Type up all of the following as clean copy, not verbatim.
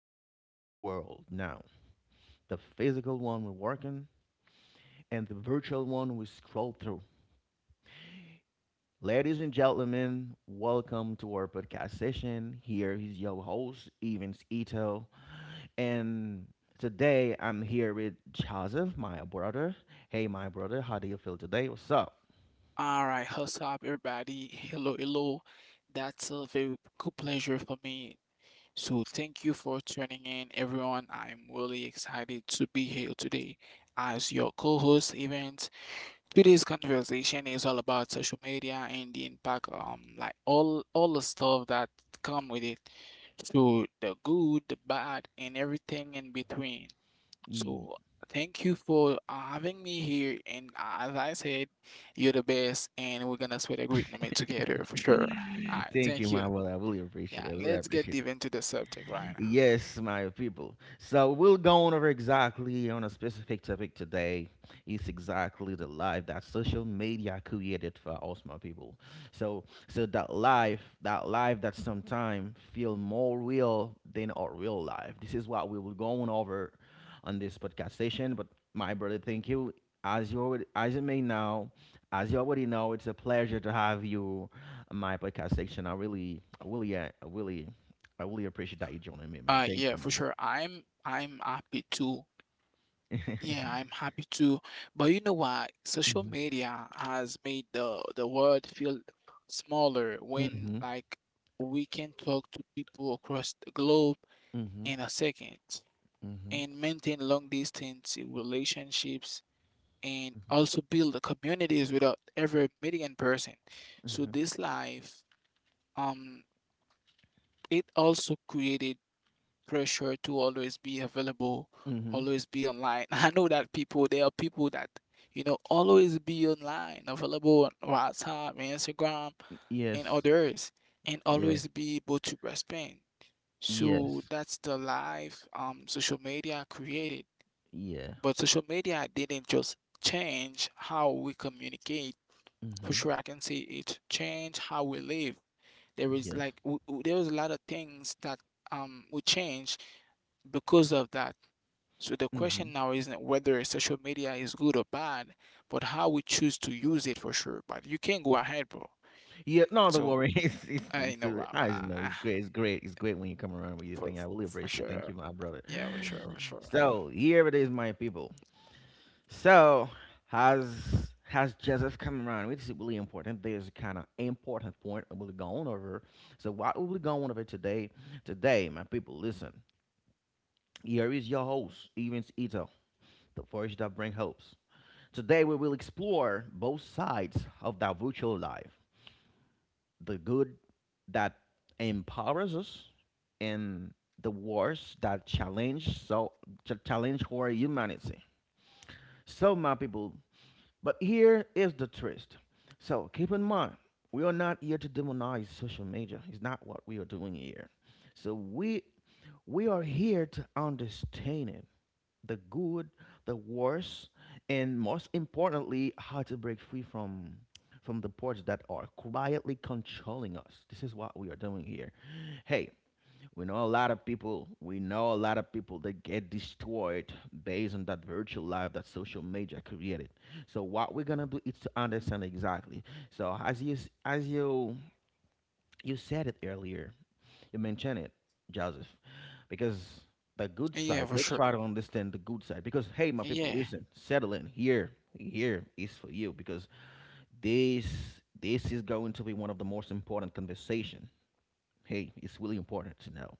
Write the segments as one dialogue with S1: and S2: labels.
S1: two worlds now, the physical one we're working and the virtual one we scroll through. Ladies and gentlemen, welcome to our podcast session. Here is your host, Evans Ito. And today I'm here with Joseph, my brother. Hey, my brother, how do you feel today? What's up?
S2: All right, what's up, everybody? Hello, hello. That's a very good pleasure for me. So, thank you for tuning in, everyone. I'm really excited to be here today as your co host event. Today's conversation is all about social media and the impact, like all the stuff that come with it. So, the good, the bad, and everything in between. So thank you for having me here. And as I said, you're the best, and we're gonna spend a great moment together for sure. All right,
S1: Thank you,
S2: thank you.
S1: my brother. I really appreciate
S2: Yeah,
S1: it. I really
S2: let's get
S1: appreciate.
S2: deep into the subject right now.
S1: Yes, my people. So we'll go on over exactly on a specific topic today. It's exactly the life that social media created for us, my people. So that life, that sometimes feel more real than our real life. This is what we will go on over on this podcast session. But my brother, thank you. As you may know, as you already know, it's a pleasure to have you on my podcast section. I really, I really, I really I really appreciate that you joining me, man. Thank
S2: Yeah,
S1: you,
S2: for
S1: man.
S2: sure. I'm happy to. Yeah, I'm happy to. But you know what? Social
S1: Mhm.
S2: media has made the world feel smaller when,
S1: Mhm.
S2: like, we can talk to people across the globe
S1: Mhm.
S2: in a second,
S1: Mhm.
S2: and maintain long distance relationships and
S1: Mhm.
S2: also build the communities without ever meeting in person. So
S1: Mhm.
S2: this life, um, it also created pressure to always be available,
S1: Mhm.
S2: always be online. I know that people, there are people that, you know, always be online, available on WhatsApp, Instagram, and
S1: Yes.
S2: others, and
S1: Yeah.
S2: always be able to respond. So
S1: Yes.
S2: that's the life social media created.
S1: Yeah.
S2: But social media didn't just change how we communicate. For
S1: Mhm.
S2: sure, I can say it changed how we live. There is
S1: Yes.
S2: like there was a lot of things that we change because of that. So the
S1: Mhm.
S2: question now isn't whether social media is good or bad, but how we choose to use it for sure. But you can go ahead, bro.
S1: Yeah. No, don't
S2: So
S1: worry.
S2: I know,
S1: I just know it's great. It's great. It's great when you come around with your
S2: for
S1: thing. I really
S2: for
S1: appreciate it. Thank
S2: sure,
S1: you, my brother.
S2: yeah, for sure, for sure.
S1: So here it is, my people. So has Joseph come around, which is really important. There's a kind of important point we're going over. So what we're going over today, my people, listen. Here is your host, Evans Ito, the voice that brings hopes. Today we will explore both sides of that virtual life, the good that empowers us, and the wars that challenge our humanity. So my people, but here is the twist. So keep in mind, we are not here to demonize social media. It's not what we are doing here. So we are here to understand it, the good, the worst, and most importantly, how to break free from the ports that are quietly controlling us. This is what we are doing here. Hey, we know a lot of people that get destroyed based on that virtual life that social media created. So what we're gonna do is to understand exactly. So as you said it earlier, you mentioned it, Joseph. Because the good
S2: Yeah,
S1: side,
S2: for
S1: let's
S2: sure.
S1: try to understand the good side. Because hey my people,
S2: Yeah,
S1: listen, settle in here, here is for you, because this is going to be one of the most important conversation. Hey, it's really important to know.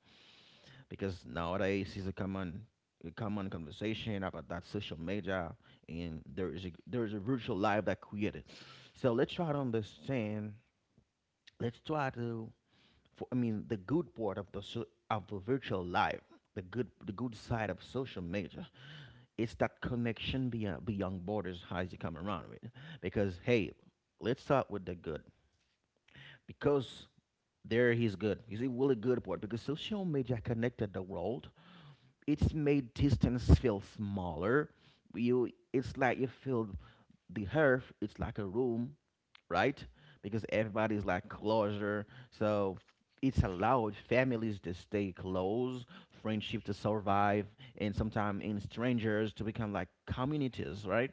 S1: Because nowadays it's a common conversation about that social media, and there is a virtual life that created. So let's try to understand, let's try to for, I mean the good part of the virtual life. The good side of social media, it's that connection beyond borders, as you come around with. Because hey, let's start with the good, because there he's good. He's a really good part because social media connected the world. It's made distance feel smaller. You It's like you feel the earth, it's like a room, right? Because everybody's like closer. So it's allowed families to stay close, friendship to survive, and sometimes in strangers to become like communities, right?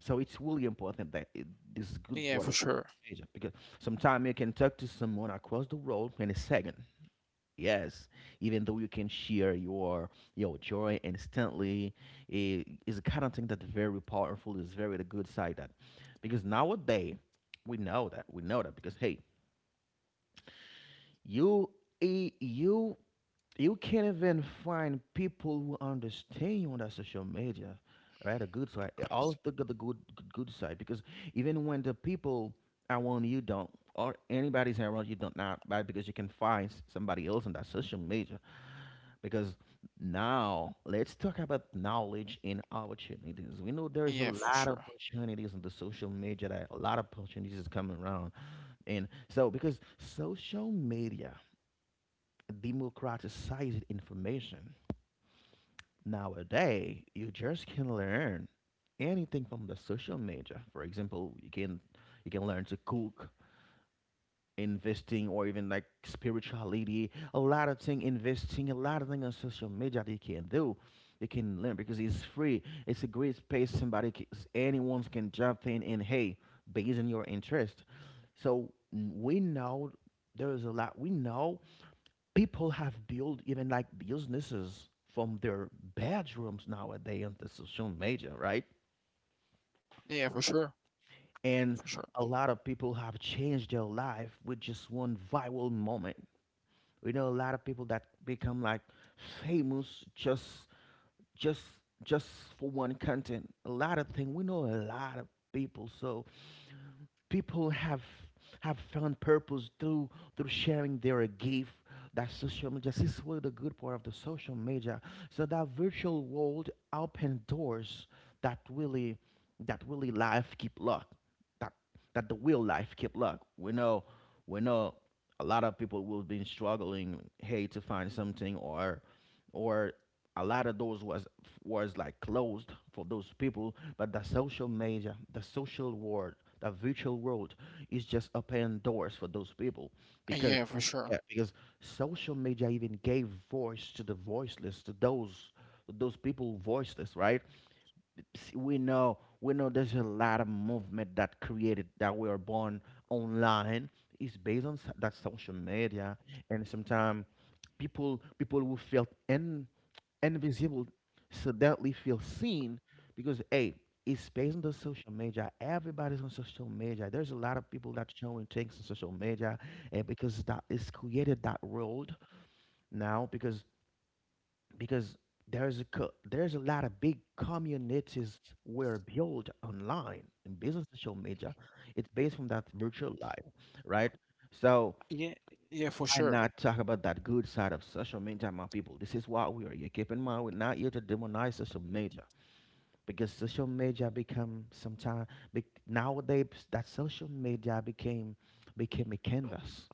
S1: So it's really important that this is good
S2: yeah,
S1: part
S2: for
S1: of social
S2: sure.
S1: media, because sometimes you can talk to someone across the world in a second. Yes, even though you can share your joy instantly, it is a kind of thing that's very powerful. Is very the good side that, because nowadays we know that, because hey, you eh, you you can't even find people who understand you on that social media, right? The good side, all of the good good side, because even when the people around you don't, or anybody's around you don't not, right? Because you can find somebody else on that social media. Because now let's talk about knowledge and opportunities. We know there's a
S2: Yeah, for
S1: lot of
S2: sure.
S1: opportunities on the social media, that a lot of opportunities is coming around. And so, because social media democratizes information nowadays, you just can learn anything from the social media. For example, you can learn to cook, investing, or even like spirituality, a lot of thing, investing, a lot of thing on social media they can do, they can learn, because it's free, it's a great space somebody can, anyone can jump in and hey, based on your interest. So we know there's a lot, we know people have built even like businesses from their bedrooms nowadays on the social media, right?
S2: Yeah, for sure.
S1: And
S2: For sure.
S1: a lot of people have changed their life with just one viral moment. We know a lot of people that become like famous just just for one content. A lot of things. We know a lot of people. So people have found purpose through sharing their gift that social media, this is what the good part of the social media. So that virtual world open doors that really, life keep luck, that the real life keep luck, we know. We know a lot of people will be struggling, hey, to find something, or a lot of those was like closed for those people, but the social media, the social world, the virtual world is just opening doors for those people. Because
S2: Yeah, for sure.
S1: yeah, because social media even gave voice to the voiceless, to those people voiceless, right? See, we know there's a lot of movement that created, that we are born online, is based on that social media. And sometimes people will feel in and invisible, suddenly feel seen, because hey, it's based on the social media, everybody's on social media, there's a lot of people that showing things on social media, and because that is created that world. Now because because there's a there's a lot of big communities were built online and based on social media, it's based from that virtual life, right? So
S2: Yeah, yeah, for
S1: I
S2: sure.
S1: not talk about that good side of social media, my people. This is why we are here. Keep in mind, we're not here to demonize social media, because social media become sometime nowadays that social media became a canvas,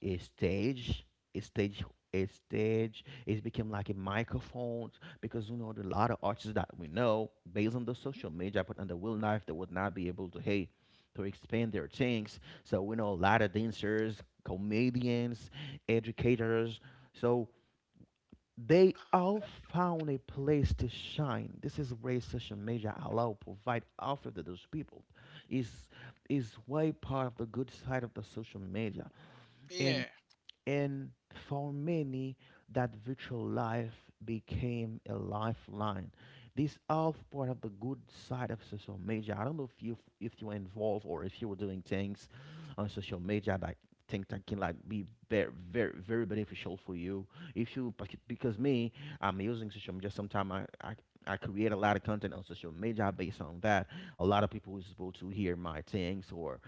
S1: a stage a stage a stage. It became like a microphone, because you know there are a lot of artists that we know based on the social media, but in the real life they would not be able to, hey, to expand their things. So we know a lot of dancers, comedians, educators, so they all found a place to shine. This is where social media allow, provide, offer to those people. Is is way part of the good side of the social media. And
S2: Yeah.
S1: and for many, that virtual life became a lifeline. This all part of the good side of social media. I don't know if you, were involved, or if you were doing things on social media like things that can like be very, very, very beneficial for you. If you because me, I'm using social media. Sometimes I create a lot of content on social media based on that. A lot of people is able to hear my things, or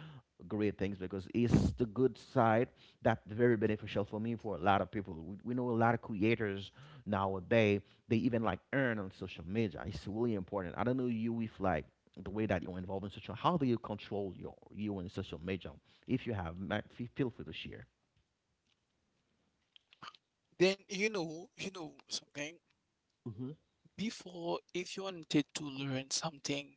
S1: great things, because it's the good side that's very beneficial for me, for a lot of people. We know a lot of creators nowadays. They even like earn on social media. It's really important. I don't know you if like the way that you're involved in social. How do you control your you in social media? If you have, feel free to share.
S2: Then you know something.
S1: Hmm.
S2: Before, if you wanted to learn something,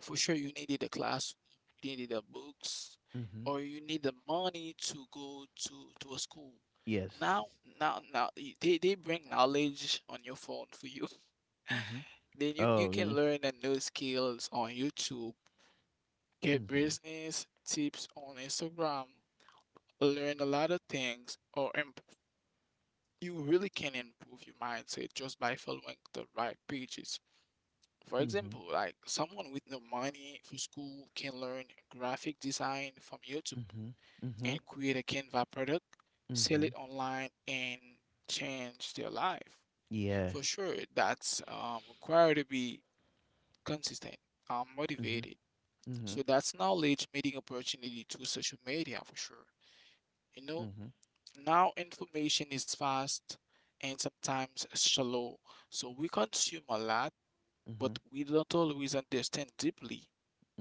S2: for sure, you needed a classroom, you needed the books,
S1: Mm-hmm.
S2: or you need the money to go to a school.
S1: Yes.
S2: Now, now, now, they bring knowledge on your phone for you.
S1: Mm-hmm.
S2: Then you
S1: Oh. Yeah.
S2: can learn a new skills on YouTube, get
S1: Mm-hmm.
S2: business tips on Instagram, learn a lot of things, or imp you really can improve your mindset just by following the right pages. For
S1: Mm-hmm.
S2: example, like someone with no money for school can learn graphic design from YouTube
S1: Mm-hmm.
S2: and create a Canva product,
S1: Mm-hmm.
S2: sell it
S1: Mm-hmm.
S2: online, and change their life.
S1: Yeah.
S2: For sure, that's required to be consistent,
S1: Mm-hmm.
S2: motivated.
S1: Mm-hmm.
S2: So that's knowledge meeting opportunity to social media for sure. You know,
S1: Mm-hmm.
S2: now information is fast and sometimes shallow. So we consume a lot,
S1: Mm-hmm.
S2: but we don't always understand deeply.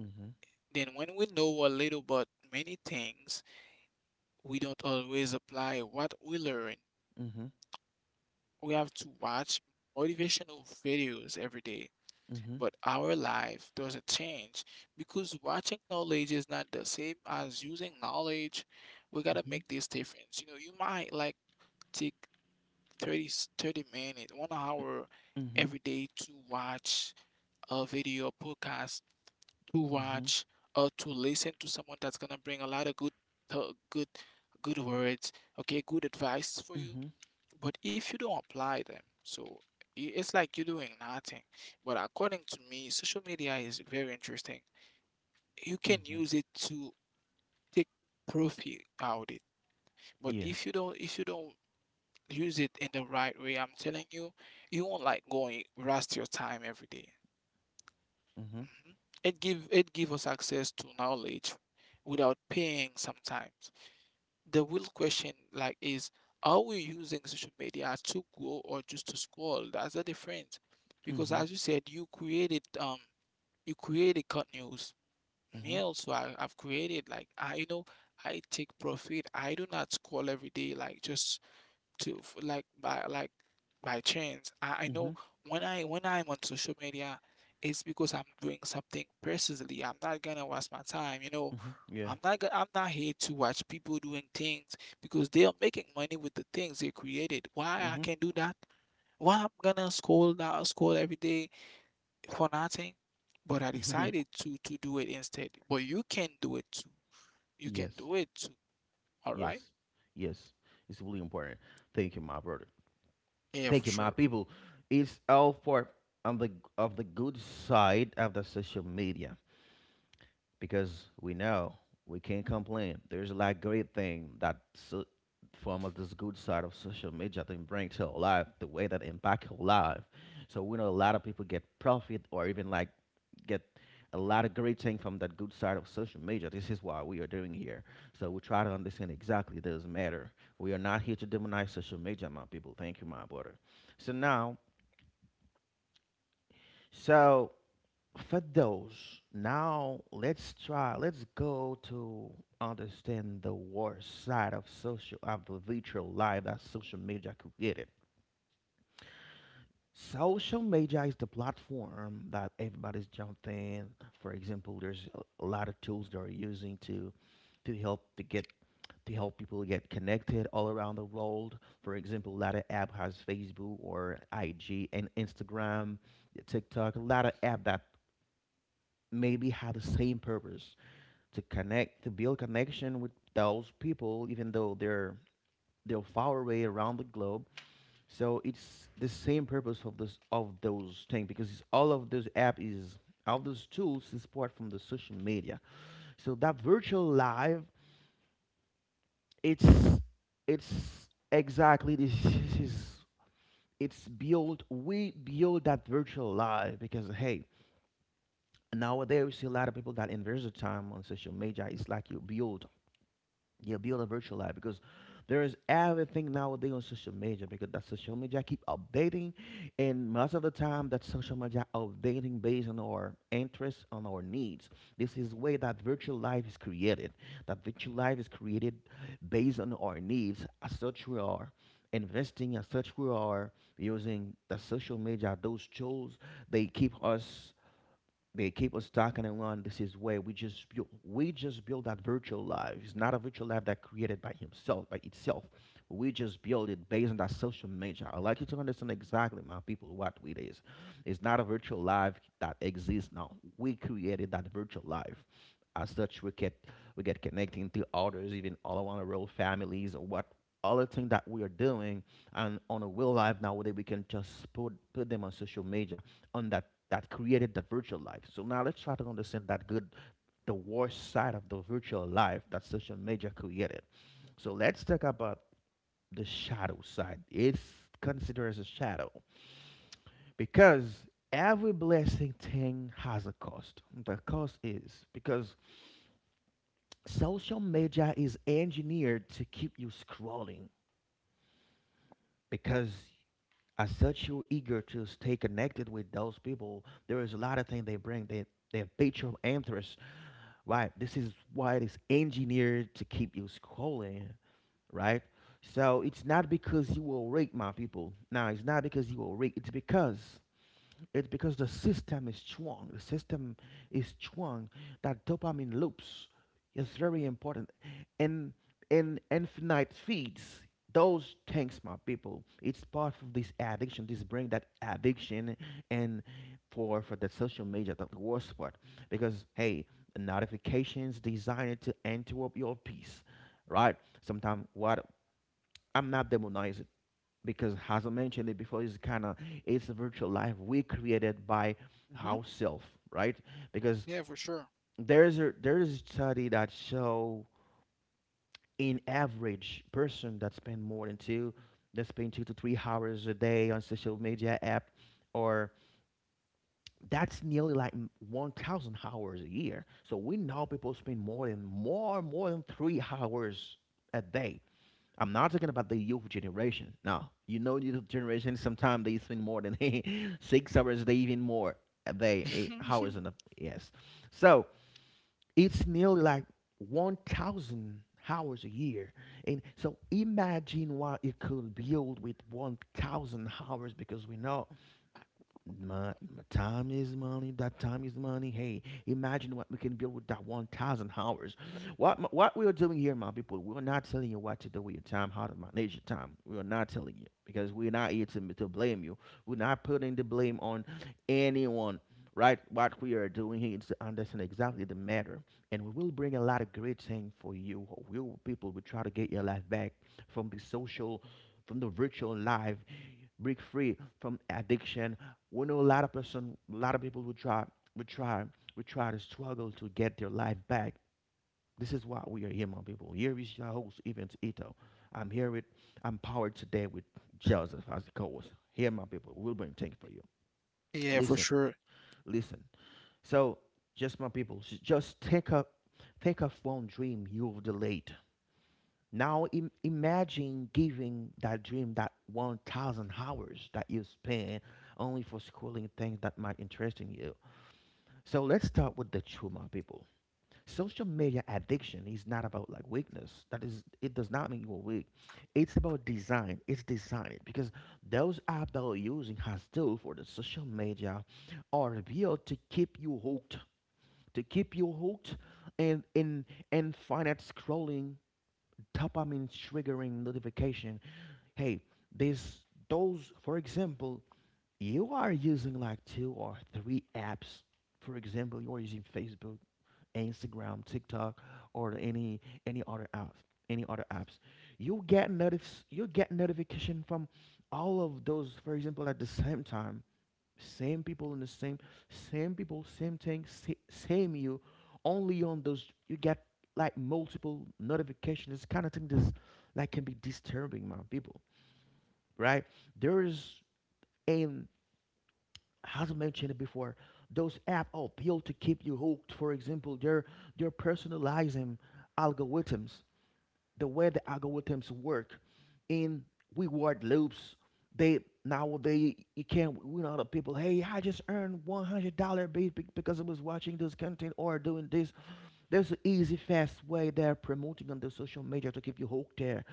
S1: Mm-hmm.
S2: Then, when we know a little about many things, we don't always apply what we learn.
S1: Mm-hmm.
S2: We have to watch motivational videos every day,
S1: Mm-hmm.
S2: but our life doesn't change because watching knowledge is not the same as using knowledge. We gotta
S1: Mm-hmm.
S2: make this difference. You know, you might like take 30 minutes, 1 hour
S1: Mm-hmm.
S2: every day to watch a video, podcast, to watch or to listen to someone that's gonna bring a lot of good good words, okay, good advice for you.
S1: Mm-hmm.
S2: But if you don't apply them, so I- it's like you're doing nothing. But according to me, social media is very interesting. You can
S1: Mm-hmm.
S2: use it to take profit out it. But
S1: Yeah.
S2: if you don't, if you don't use it in the right way, I'm telling you, you won't like going rest your time every day.
S1: Mhm.
S2: Mhm. It give us access to knowledge without paying sometimes. The real question like is, are we using social media to grow or just to scroll? That's the difference. Because
S1: Mhm.
S2: as you said, you created cut news. Me
S1: Mhm.
S2: also, I've created like, I, you know, I take profit. I do not scroll every day like just like by chance. I know
S1: Mhm.
S2: when I'm on social media, it's because I'm doing something personally. I'm not gonna waste my time, you know.
S1: Mhm. Yeah.
S2: I'm not here to watch people doing things because they are making money with the things they created. Why I
S1: Mhm.
S2: can do that? Why I'm gonna scroll every day for nothing? But I decided to do it instead. But you can do it too. You can
S1: Yes.
S2: do it too. All
S1: Yes.
S2: right?
S1: Yes. It's really important. Thank you, my brother.
S2: Yeah, for
S1: Thank you, my
S2: sure.
S1: people. It's all part on the of the good side of the social media. Because we know we can't complain. There's a lot great thing that so, from of this good side of social media that bring to our life, the way that impact our life. So we know a lot of people get profit, or even like get a lot of great thing from that good side of social media. This is why we are doing here. So we try to understand exactly this matter. We are not here to demonize social media, my people. Thank you, my brother. So now, so for those now let's go to understand the worst side of social of the virtual life that social media created. Social media is the platform that everybody's jumped in. For example, there's a lot of tools they're using to help to get to help people get connected all around the world. For example, a lot of app has Facebook or IG and Instagram, TikTok, a lot of app that maybe have the same purpose, to connect to build connection with those people even though they're far away around the globe. So it's the same purpose of this of those things, because it's all of those app is all those tools is part from the social media. So that virtual live, it's it's exactly this is it's built, we build that virtual life. Because hey, nowadays we see a lot of people that invest their time on social media. It's like you build, yeah, build a virtual life, because there is everything nowadays on social media, because that social media keep updating, and most of the time that social media updating based on our interests, on our needs. This is way that virtual life is created. That virtual life is created based on our needs. As such, we are investing. As such, we are using the social media. Those tools they keep us they keep us talking and on this is where we just build that virtual life. It's not a virtual life that created by himself, by itself. We just build it based on that social media. I'd like you to understand exactly, my people, what it is. It's not a virtual life that exists now. We created that virtual life. As such, we get connecting to others, even all around the world, families, or what all the things that we are doing and on a real life nowadays we can just put them on social media, on that that created that virtual life. So now let's try to understand that good, the worst side of the virtual life that social media created. So let's talk about the shadow side. It's considered as a shadow because every blessing thing has a cost. The cost is because social media is engineered to keep you scrolling, because as such you're eager to stay connected with those people. There is a lot of things they bring. They have piqued your interest, right? This is why it is engineered to keep you scrolling, right? So it's not because you were raped, my people. Now it's not because you were raped. It's because the system is strong. The system is strong. That dopamine loops is very important. And and infinite feeds, those things, my people, it's part of this addiction, this bring that addiction, and for the social media, the worst part. Because hey, the notifications designed to interrupt your peace. Right? Sometimes what, I'm not demonizing, because as I mentioned it before, it's kind of, it's a virtual life we created by
S2: Hmm.
S1: ourselves, right? Because
S2: Yeah, for sure.
S1: there's a study that show in average person that spend more than two that spend 2 to 3 hours a day on social media app, or that's nearly like 1,000 hours a year. So we know people spend more than more than 3 hours a day. I'm not talking about the youth generation. Now you know, youth generation, sometimes they spend more than 6 hours, they even more. They 8 hours in the yes. So it's nearly like 1,000 hours a year, and so imagine what it could build with 1,000 hours, because we know my time is money. That time is money. Hey, imagine what we can build with that 1,000 hours. What we are doing here, my people, we are not telling you what to do with your time, how to manage your time. We are not telling you, because we're not here to blame you. We're not putting the blame on anyone, right? What we are doing here is to understand exactly the matter, and we will bring a lot of great things for you. We will, people will try to get your life back from the social, from the virtual life, break free from addiction. We know a lot of person, a lot of people would try, would try to struggle to get their life back. This is why we are here, my people. Here is your host, Evans Ito. I'm here with, I'm powered today with Joseph as the co-host. Here, my people, we'll bring things for you.
S2: Yeah, for
S1: Listen,
S2: sure.
S1: listen. So, just my people, take a one dream you've delayed. Now imagine giving that dream that 1,000 hours that you spend only for schooling things that might interest in you. So let's start with the trauma, people. Social media addiction is not about like weakness. That is, it does not mean you are weak. It's about design. It's designed because those apps that we're using has tool for the social media are built to keep you hooked, and and and finite scrolling, dopamine triggering notification. Hey, this those for example, you are using like two or three apps. For example, you are using Facebook, Instagram, TikTok, or any any other apps, any other apps, you'll get notification from all of those. For example, at the same time, same people in the same people, same thing, same you. Only on those you get like multiple notifications. Kind of thing this like can be disturbing, my people. Right? There is a, as I mentioned before, those app appeal to keep you hooked. For example, they're personalizing algorithms, the way the algorithms work in reward loops. They nowadays you can't, we know the people. Hey, I just earned $100 because I was watching this content or doing this. There's an easy, fast way they're promoting on the social media to keep you hooked there.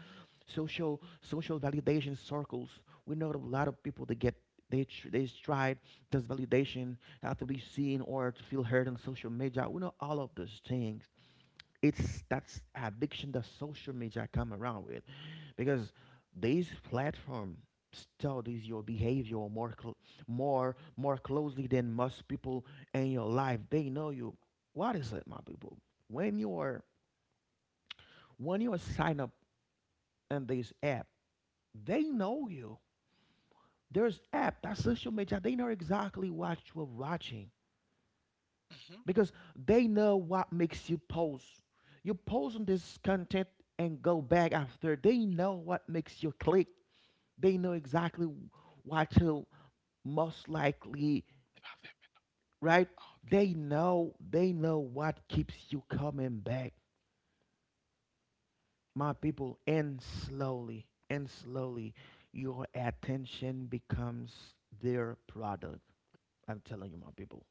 S1: Social validation circles. We know that a lot of people that get they tried this validation have to be seen or to feel heard on social media. We know all of those things. It's that's addiction that social media come around with, because these platform studies your behavior more more closely than most people in your life. They know you. What is it, my people? When you are when you are sign up in this app, they know you. There's app that social media, they know exactly what you're watching,
S2: Mm-hmm.
S1: because they know what makes you pause. You pause on this content and go back after. They know what makes you click. They know exactly what you most likely, right? They know what keeps you coming back, my people. And slowly, your attention becomes their product. I'm telling you, my people.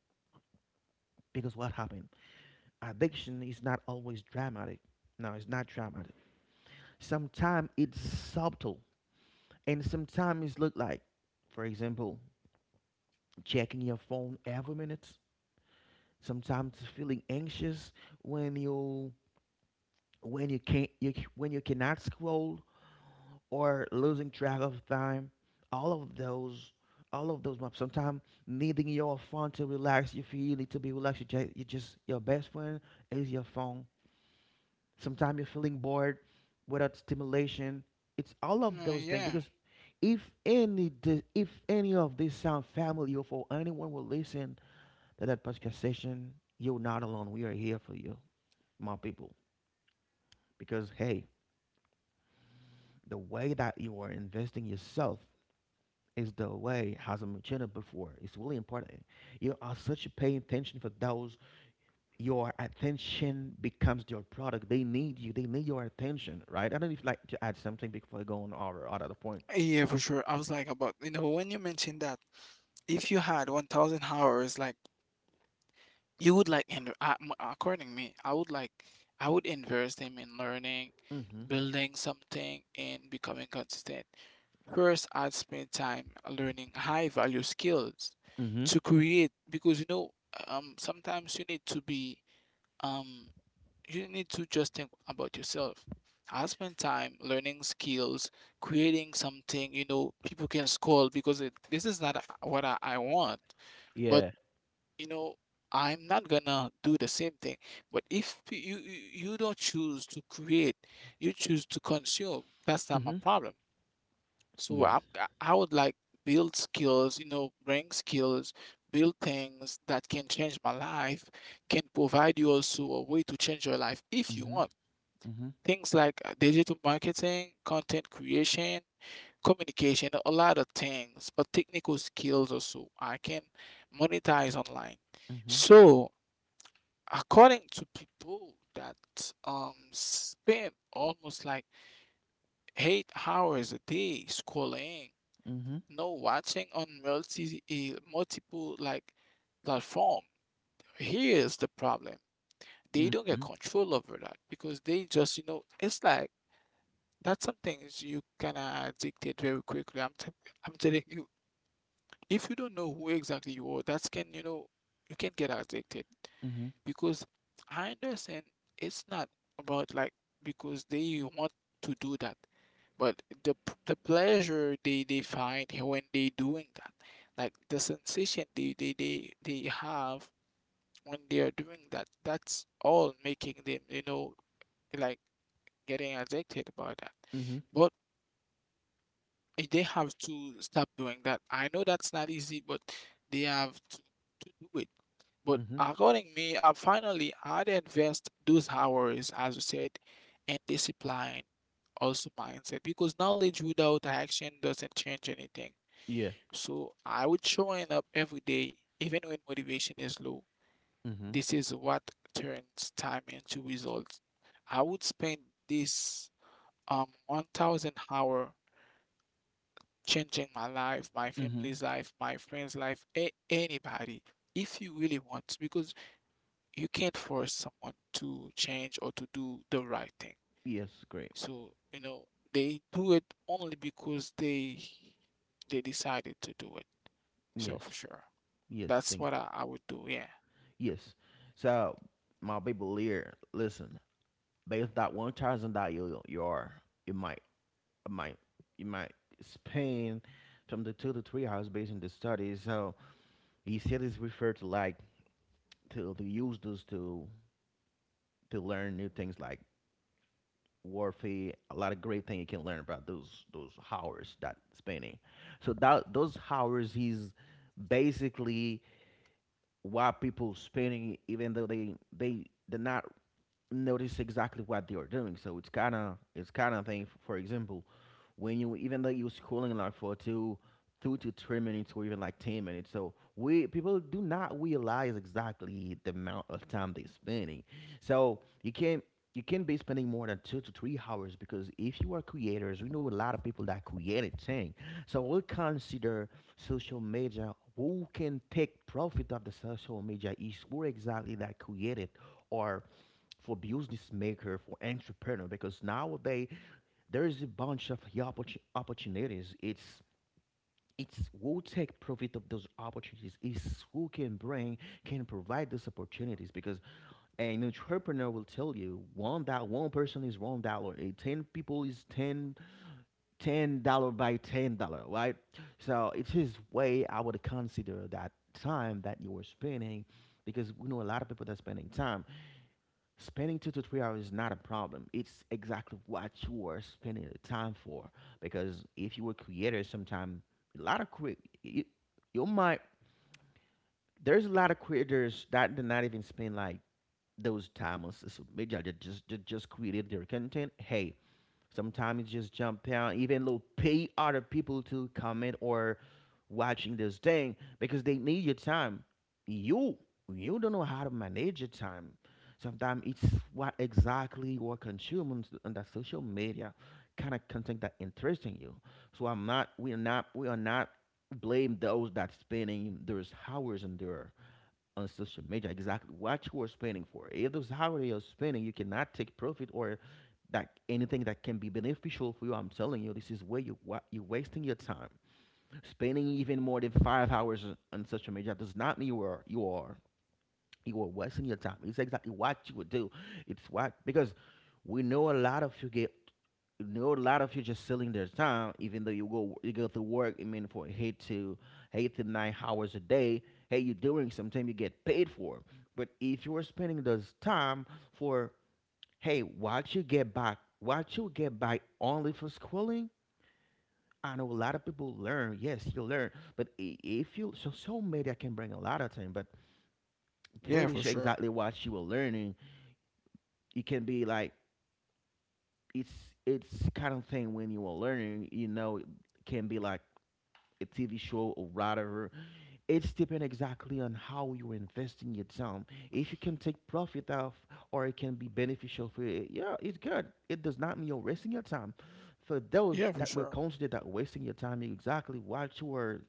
S1: Because what happened? Addiction is not always dramatic. No, it's not dramatic. Sometimes it's subtle, and sometimes it look like, for example, checking your phone every minute. Sometimes feeling anxious when you when you can't you, when you cannot scroll or losing track of time. All of those, all of those maps. Sometimes needing your phone to relax. If you need to be relaxed, you just your best friend is your phone. Sometimes you're feeling bored without stimulation. It's all
S2: Okay.
S1: of those things.
S2: Yeah.
S1: Because if any of this sound familiar for anyone will listen to that podcast session, you're not alone. We are here for you, my people. Because hey, the way that you are investing yourself is the way has a mentioned it before. It's really important. You are such paying attention for those, your attention becomes your product. They need you. They need your attention, right? I don't know if you'd like to add something before you go on over other point.
S2: Yeah, for sure. I was like about, you know, when you mentioned that if you had 1,000 hours, like you would like and according to me, I would invest them in learning,
S1: Mm-hmm.
S2: building something and becoming consistent. First, I'd spend time learning high value skills
S1: Mm-hmm.
S2: to create because, you know, sometimes you need to be um you need to just think about yourself. I spend time learning skills, creating something, you know, people can scold because it, this is not what I want. But,
S1: Yeah.
S2: you know, I'm not gonna do the same thing. But if you you don't choose to create, you choose to consume, that's not my
S1: Mm-hmm.
S2: problem. So
S1: Yes.
S2: I would like build skills, you know, bring skills, build things that can change my life, can provide you also a way to change your life if you
S1: Mm-hmm.
S2: want.
S1: Mm-hmm.
S2: Things like digital marketing, content creation, communication, a lot of things, or technical skills also I can monetize online.
S1: Mm-hmm.
S2: So according to people that spend almost like 8 hours a day scrolling,
S1: Mm-hmm.
S2: no watching on multiple like platform, here's the problem. They don't get
S1: Mm-hmm.
S2: control over that because they just, you know, it's like, that's something is you can of addicted very quickly. I'm telling you, if you don't know who exactly you are, that's can, you know, you can get addicted.
S1: Mm-hmm.
S2: Because I understand it's not about like because they want to do that, but the pleasure they find when they doing that, like the sensation they have when they are doing that, that's all making them, you know, like getting addicted about that.
S1: Mm-hmm.
S2: But they have to stop doing that. I know that's not easy, but they have to do it. But
S1: Mm-hmm.
S2: according me, I finally I'd invest those hours, as you said, and discipline, also mindset, because knowledge without action doesn't change anything.
S1: Yeah.
S2: So I would showing up every day, even when motivation is low.
S1: Mm-hmm.
S2: This is what turns time into results. I would spend this 1,000 hour changing my life, my
S1: Mm-hmm.
S2: family's life, my friend's life, anybody, if you really want to, because you can't force someone to change or to do the right thing.
S1: Yes, great.
S2: So, you know, they do it only because they decided to do it. So for
S1: Yes.
S2: sure.
S1: Yes,
S2: That's
S1: thank
S2: what I would do, yeah.
S1: you. Yes. So my people here, listen, based on that 1,000 that you are, you might it might span from the 2 to 3 hours based on the studies. So he said it's referred to like to use those to learn new things like warfare, a lot of great thing you can learn about those hours that spending. So that those hours is basically what people spending even though they not notice exactly what they are doing. So it's kinda thing for example when you even though you're scrolling like for two to three minutes or even like 10 minutes. So we people do not realize exactly the amount of time they're spending. So you can't be spending more than 2 to 3 hours, because if you are creators, we know a lot of people that created things. So we'll consider social media. Who can take profit of the social media is who exactly that created, or for business maker, for entrepreneur, because nowadays there is a bunch of, yeah, opportunities. It's who take profit of those opportunities. It's who can bring, can provide those opportunities, because an entrepreneur will tell you one, that one person is $1, a ten people is 10, 10 dollar by 10 dollar, right? So it is way I would consider that time that you were spending, because we know a lot of people that are spending time. Spending 2 to 3 hours is not a problem. It's exactly what you are spending the time for. Because if you were creator, sometime a lot of you, you might, there's a lot of creators that did not even spend like those time on social media. They just created their content. Hey, sometimes you just jump out, even though pay other people to comment or watching this thing because they need your time. You you don't know how to manage your time. Sometimes it's what exactly you are consuming on that social media, kind of content that interesting you. So I'm not we are not we are not blame those that spending those hours in there on social media, exactly what you are spending for. If those hours you're spending, you cannot take profit or that anything that can be beneficial for you, I'm telling you, this is where you're wasting your time. Spending even more than 5 hours on social media does not mean you are wasting your time. It's exactly what you would do. It's what, because we know a lot of you get, know a lot of you just selling their time, even though you go to work, I mean, for eight to nine hours a day. Hey, you're doing sometimes you get paid for. But if you are spending those time for, hey, what you get back, what you get back only for schooling. I know a lot of people learn. Yes, you learn, but if you, so so media can bring a lot of time, but
S2: Yeah,
S1: pretty
S2: for
S1: sure
S2: sure.
S1: exactly what you were learning, it can be like, it's it's kind of thing. When you are learning, you know, it can be like a TV show or whatever. It's depend exactly on how you're investing your time. If you can take profit off, or it can be beneficial for you, yeah, it's good. It does not mean you're wasting your time. For those
S2: Yeah, for
S1: that will
S2: sure.
S1: consider that wasting your time, exactly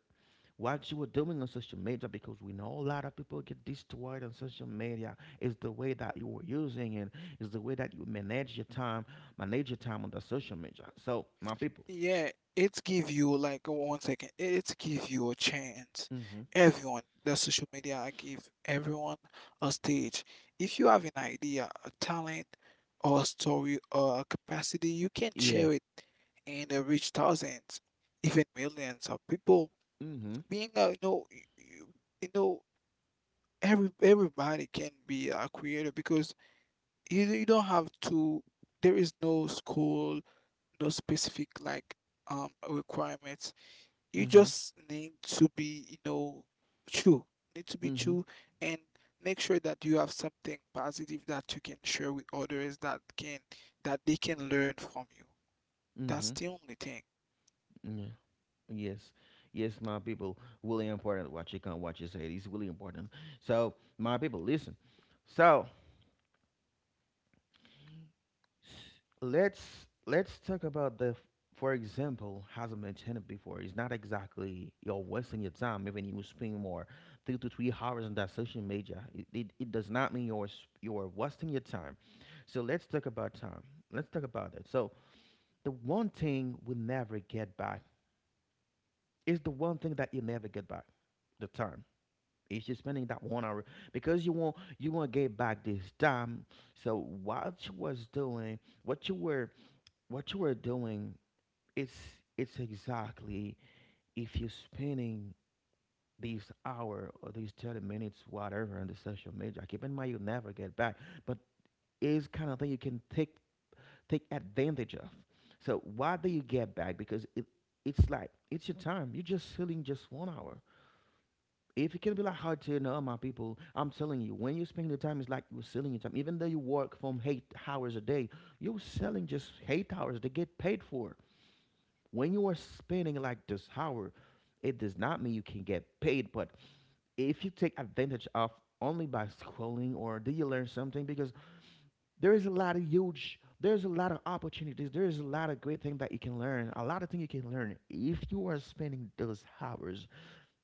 S1: what you were doing on social media, because we know a lot of people get destroyed on social media. It's the way that you were using it, it's the way that you manage your time on the social media. So, my people.
S2: Yeah, it's give you like 1 second. It's give you a chance.
S1: Mm-hmm.
S2: Everyone, the social media I give everyone a stage. If you have an idea, a talent, or a story, or a capacity, you can
S1: Yeah.
S2: share it and reach thousands, even millions of people.
S1: Mm-hmm.
S2: Being a, you know, you, you know, everybody can be a creator because you don't have to. There is no school, no specific like requirements. You
S1: Mm-hmm.
S2: just need to be, you know, true, need to be
S1: Mm-hmm.
S2: true and make sure that you have something positive that you can share with others, that can, that they can learn from you. That's
S1: Mm-hmm.
S2: the only thing.
S1: Yeah. Yes. Yes, my people. Really important. What you can, what you say, it's really important. So, my people, listen. So, s- let's talk about the. For example, as I mentioned it before, it's not exactly you're wasting your time. Even you spend more 3 to 3 hours on that social media, it does not mean you're wasting your time. So let's talk about time. Let's talk about it. So the one thing we never get back, is the one thing that you never get back. The time. It's just spending that 1 hour, because you won't get back this time. So what you was doing, what you were doing, it's it's exactly, if you're spending these hour or these 30 minutes, whatever, on the social media. Keep in mind you never get back, but it's kind of thing you can take advantage of. So why do you get back? Because it's like, it's your time. You're just sitting just 1 hour. If it can be like hard to know, my people, I'm telling you, when you spend your time, it's like you're selling your time. Even though you work from 8 hours a day, you're selling just 8 hours to get paid for. When you are spending like this hour, it does not mean you can get paid, but if you take advantage of, only by scrolling, or do you learn something? Because there is a lot of huge, there's a lot of opportunities, there's a lot of great things that you can learn, a lot of things you can learn if you are spending those hours.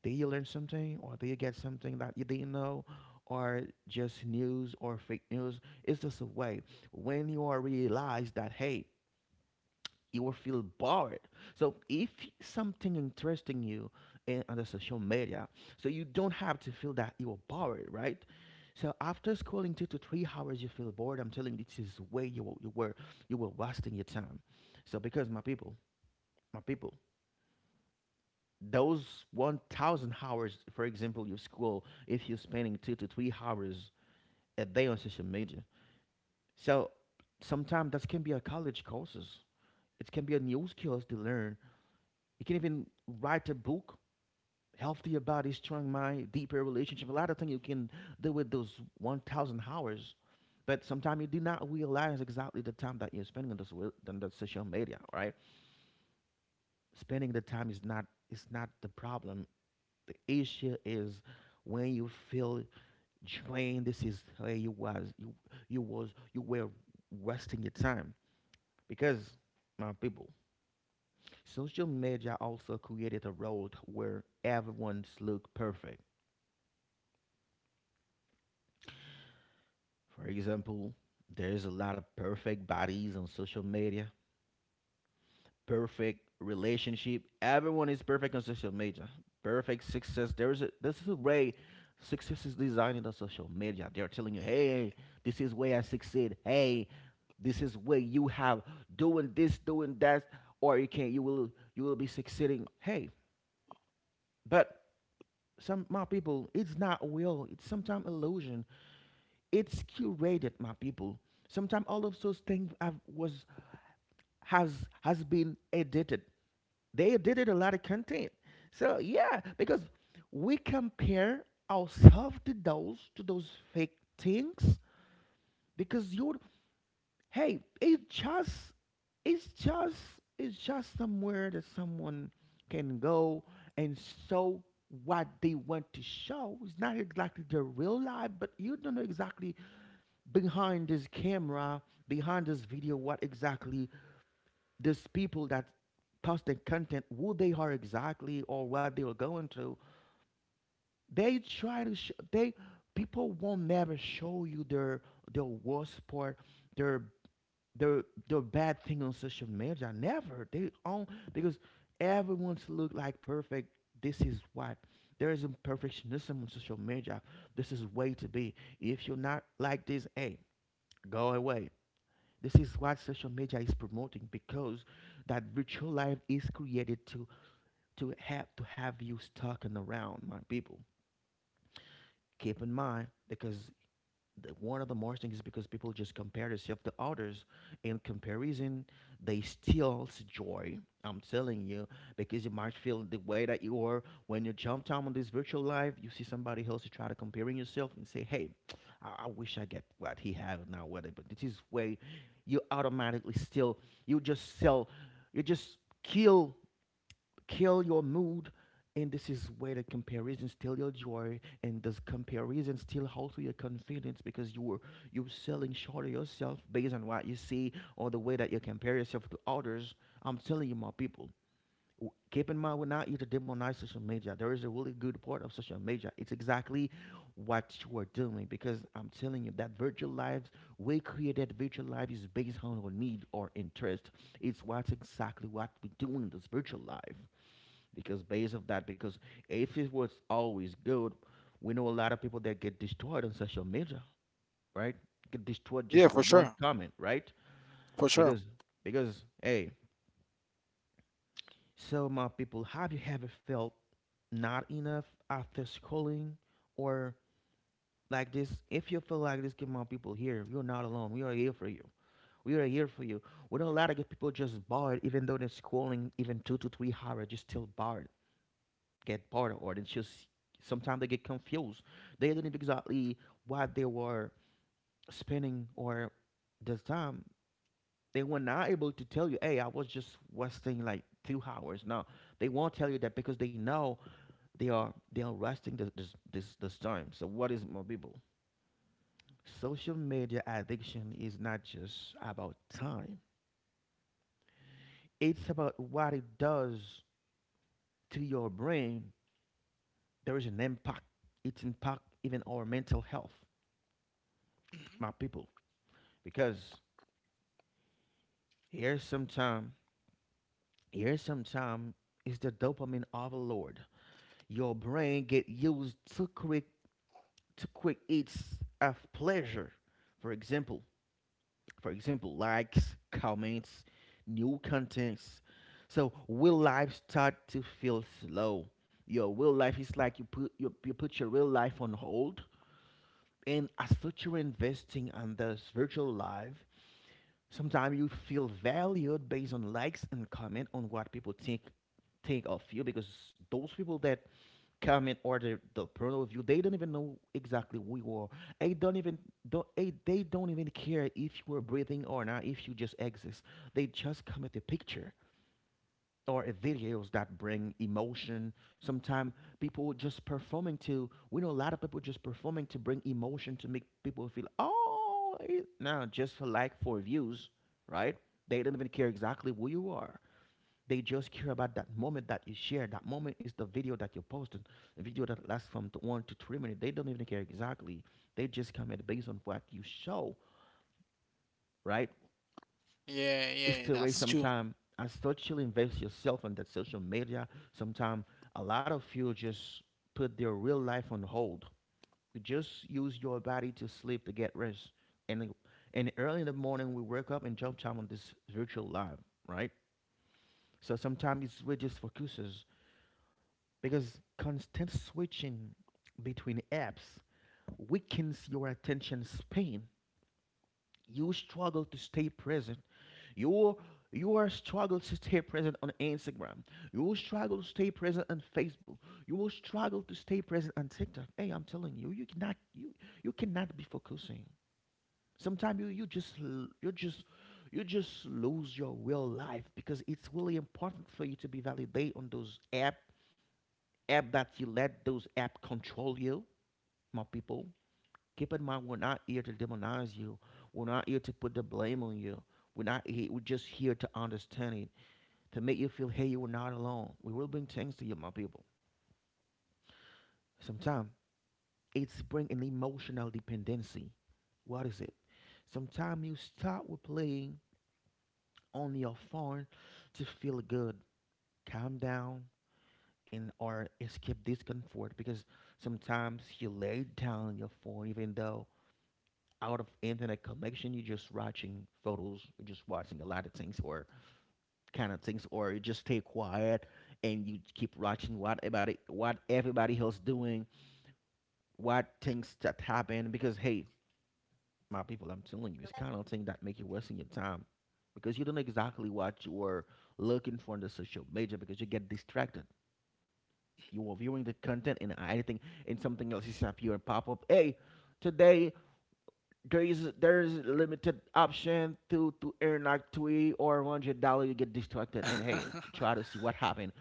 S1: Did you learn something, or did you get something that you didn't know, or just news or fake news? It's just a way. When you are realize that, hey, you will feel bored. So if something interesting you in on the social media, so you don't have to feel that you are bored, right? So after scrolling 2 to 3 hours, you feel bored. I'm telling you, this is way you were you were wasting your time. So because my people, those 1000 hours, for example, your school, if you're spending 2 to 3 hours a day on social media, so sometimes that can be a college courses, it can be a new skills to learn, you can even write a book, healthy body, strong mind, deeper relationship, a lot of things you can do with those 1000 hours. But sometimes you do not realize exactly the time that you're spending on this, on that social media, right? Spending the time is not, is not the problem. The issue is when you feel drained. This is where you was you were wasting your time, because, my people, social media also created a world where everyone's look perfect. For example, there's a lot of perfect bodies on social media, perfect relationship. Everyone is perfect on social media. Perfect success. There is a, this is a way success is designed in the social media. They're telling you, hey,
S2: Yeah.
S1: this is where I succeed. Hey, this is where you have doing this, doing that, or you can, you will be succeeding. Hey, but some, my people, it's not real. It's sometimes illusion. It's curated, my people. Sometimes all of those things have was, has been edited. They did a lot of content. So yeah, because we compare ourselves to those, to those fake things, because you, hey, it's just it's just somewhere that someone can go and show what they want to show. It's not exactly the real life, but you don't know exactly behind this camera, behind this video, what exactly these people that post the content, who they are exactly, or what they are going through. They try to sh- they people won't never show you their worst part, their, their bad thing on social media, never they own. Because everyone's look like perfect, this is what, there is a perfectionism on social media. This is way to be, if you're not like this, hey, go away. This is what social media is promoting, because that virtual life is created to, to have you stuck and around, my people. Keep in mind, because one of the most things is because people just compare themselves to others. In comparison, they steals joy. I'm telling you, because you might feel the way that you are when you jump down on this virtual life. You see somebody else, you try to comparing yourself and say, "Hey, I wish I get what he have now. What, I-" but this is way you automatically still, you just sell, you just kill, kill your mood, and this is where the comparison steal your joy, and does comparison steal also your confidence, because you were, you're selling short of yourself based on what you see, or the way that you compare yourself to others. I'm telling you, my people, keep in mind, we're not here to demonize social media. There is a really good part of social media. It's exactly what you are doing, because I'm telling you, that virtual lives, we create that virtual life is based on our need or interest. It's what's exactly what we do in this virtual life, because based of that, because if it was always good, we know a lot of people that get destroyed on social media, right? Get destroyed
S2: Yeah,
S1: just for
S2: for
S1: one
S2: sure.
S1: comment, right?
S2: For sure.
S1: because because, hey, so my people, have you ever felt not enough after scrolling, or like this? If you feel like this, give my people here, you're not alone. We are here for you, we are here for you. We know a lot of people just bored, even though they're scrolling even 2 to 3 hours, just still bored. Get part of art. It's just sometimes they get confused. They didn't exactly why they were spending or this time. They were not able to tell you, hey, I was just wasting like 2 hours. No, they won't tell you that because they know they are wasting this time. So what is it, my people? Social media addiction is not just about time. It's about what it does to your brain. There is an impact. It's impact even our mental health,
S2: Mhm.
S1: my people. Because here's some time. Here's some time is the dopamine overload. Your brain get used to quick eats of pleasure. For example, for example, likes, comments, new contents. So will life start to feel slow? Your real life is like you put your real life on hold, and as such you're investing on this virtual life. Sometimes you feel valued based on likes and comment on what people think of you, because those people that comment or the porno of you, they don't even know exactly who you are. They don't even they don't even care if you are breathing or not, if you just exist. They just comment the picture or videos that bring emotion. Sometimes people just performing to, we know a lot of people just performing to bring emotion to make people feel, oh, it, no, just for like for views, right? They don't even care exactly who you are. They just care about that moment that you share. That moment is the video that you posted, a video that lasts from 1 to 3 minutes. They don't even care exactly. They just comment based on what you show, right?
S2: Yeah,
S1: It's
S2: yeah,
S1: still waste
S2: that's
S1: some
S2: true.
S1: time. I thought you invest yourself on that social media. Sometimes a lot of you just put their real life on hold. You just use your body to sleep to get rest. And early in the morning we wake up and jump time on this virtual life, right? So sometimes it's we just focuses because constant switching between apps weakens your attention span. You struggle to stay present. You you are struggle to stay present on Instagram. You will struggle to stay present on Facebook. You will struggle to stay present on TikTok. Hey, I'm telling you, you cannot be focusing. Sometimes you you just l- you just lose your real life because it's really important for you to be validate on those app that you let those app control you, my people. Keep in mind we're not here to demonize you. We're not here to put the blame on you. We're not here, we're just here to understand it, to make you feel hey, you are not alone. We will bring things to you, my people. Sometimes it's bring an emotional dependency. What is it? Sometimes you start with playing on your phone to feel good, calm down, and or escape discomfort, because sometimes you lay down your phone even though out of internet connection you're just watching photos, you're just watching a lot of things or kind of things, or you just stay quiet and you keep watching what everybody else doing, what things that happen. Because hey, my people, I'm telling you, it's kind of thing that make you wasting your time because you don't know exactly what you are looking for in the social media because you get distracted. You are viewing the content and anything and something else is appear and pop up. Hey, today there is limited option to earn like $3 or $100. You get distracted and hey, try to see what happened.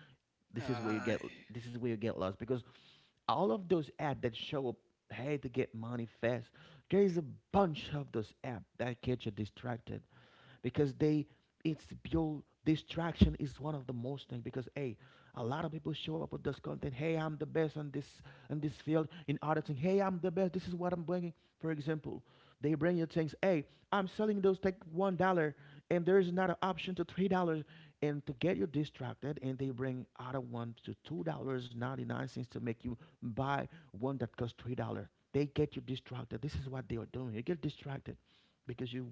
S1: This is where you
S2: Uh,
S1: get lost because all of those apps that show up hey to get money fast, there is a bunch of those apps that get you distracted because they, it's pure distraction is one of the most thing. Because hey, a lot of people show up with this content, hey, I'm the best on this, in this field, in other thing. Hey, I'm the best, this is what I'm bringing. For example, they bring you things, hey, I'm selling those tech $1, and there's another option to $3, and to get you distracted and they bring other $1 to $2 99 cents to make you buy one that costs $3. They get you distracted. This is what they are doing. You get distracted because you,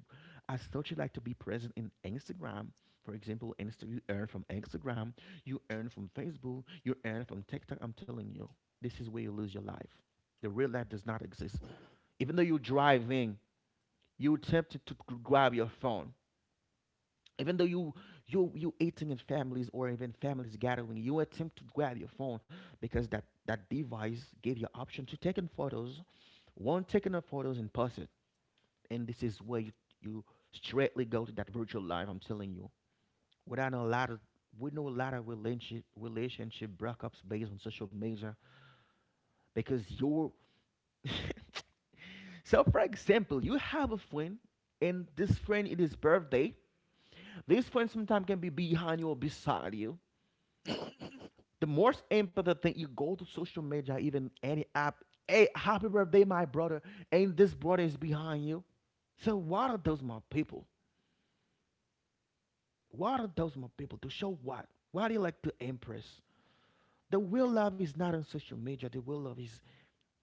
S1: as such, you like to be present in Instagram, for example. You earn from Instagram, you earn from Facebook, you earn from TikTok. I'm telling you, this is where you lose your life. The real life does not exist. Even though you're driving, you're tempted to grab your phone. Even though you eating in families, or even families gathering, you attempt to grab your phone, because that device gave you option to taking photos, one taking of photos and post it, and this is where you straightly go to that virtual life. I'm telling you. We don't know a lot of we know a lot of relationship breakups based on social media, because you're so for example, you have a friend, and this friend it is birthday. This friend sometimes can be behind you or beside you.
S2: yeah,
S1: The most important thing, you go to social media, even any app, hey, happy birthday, my brother, and this brother is behind you. So what are those my people? What are those more people to show what? What do you like to impress? The real love is not on social media. The real love is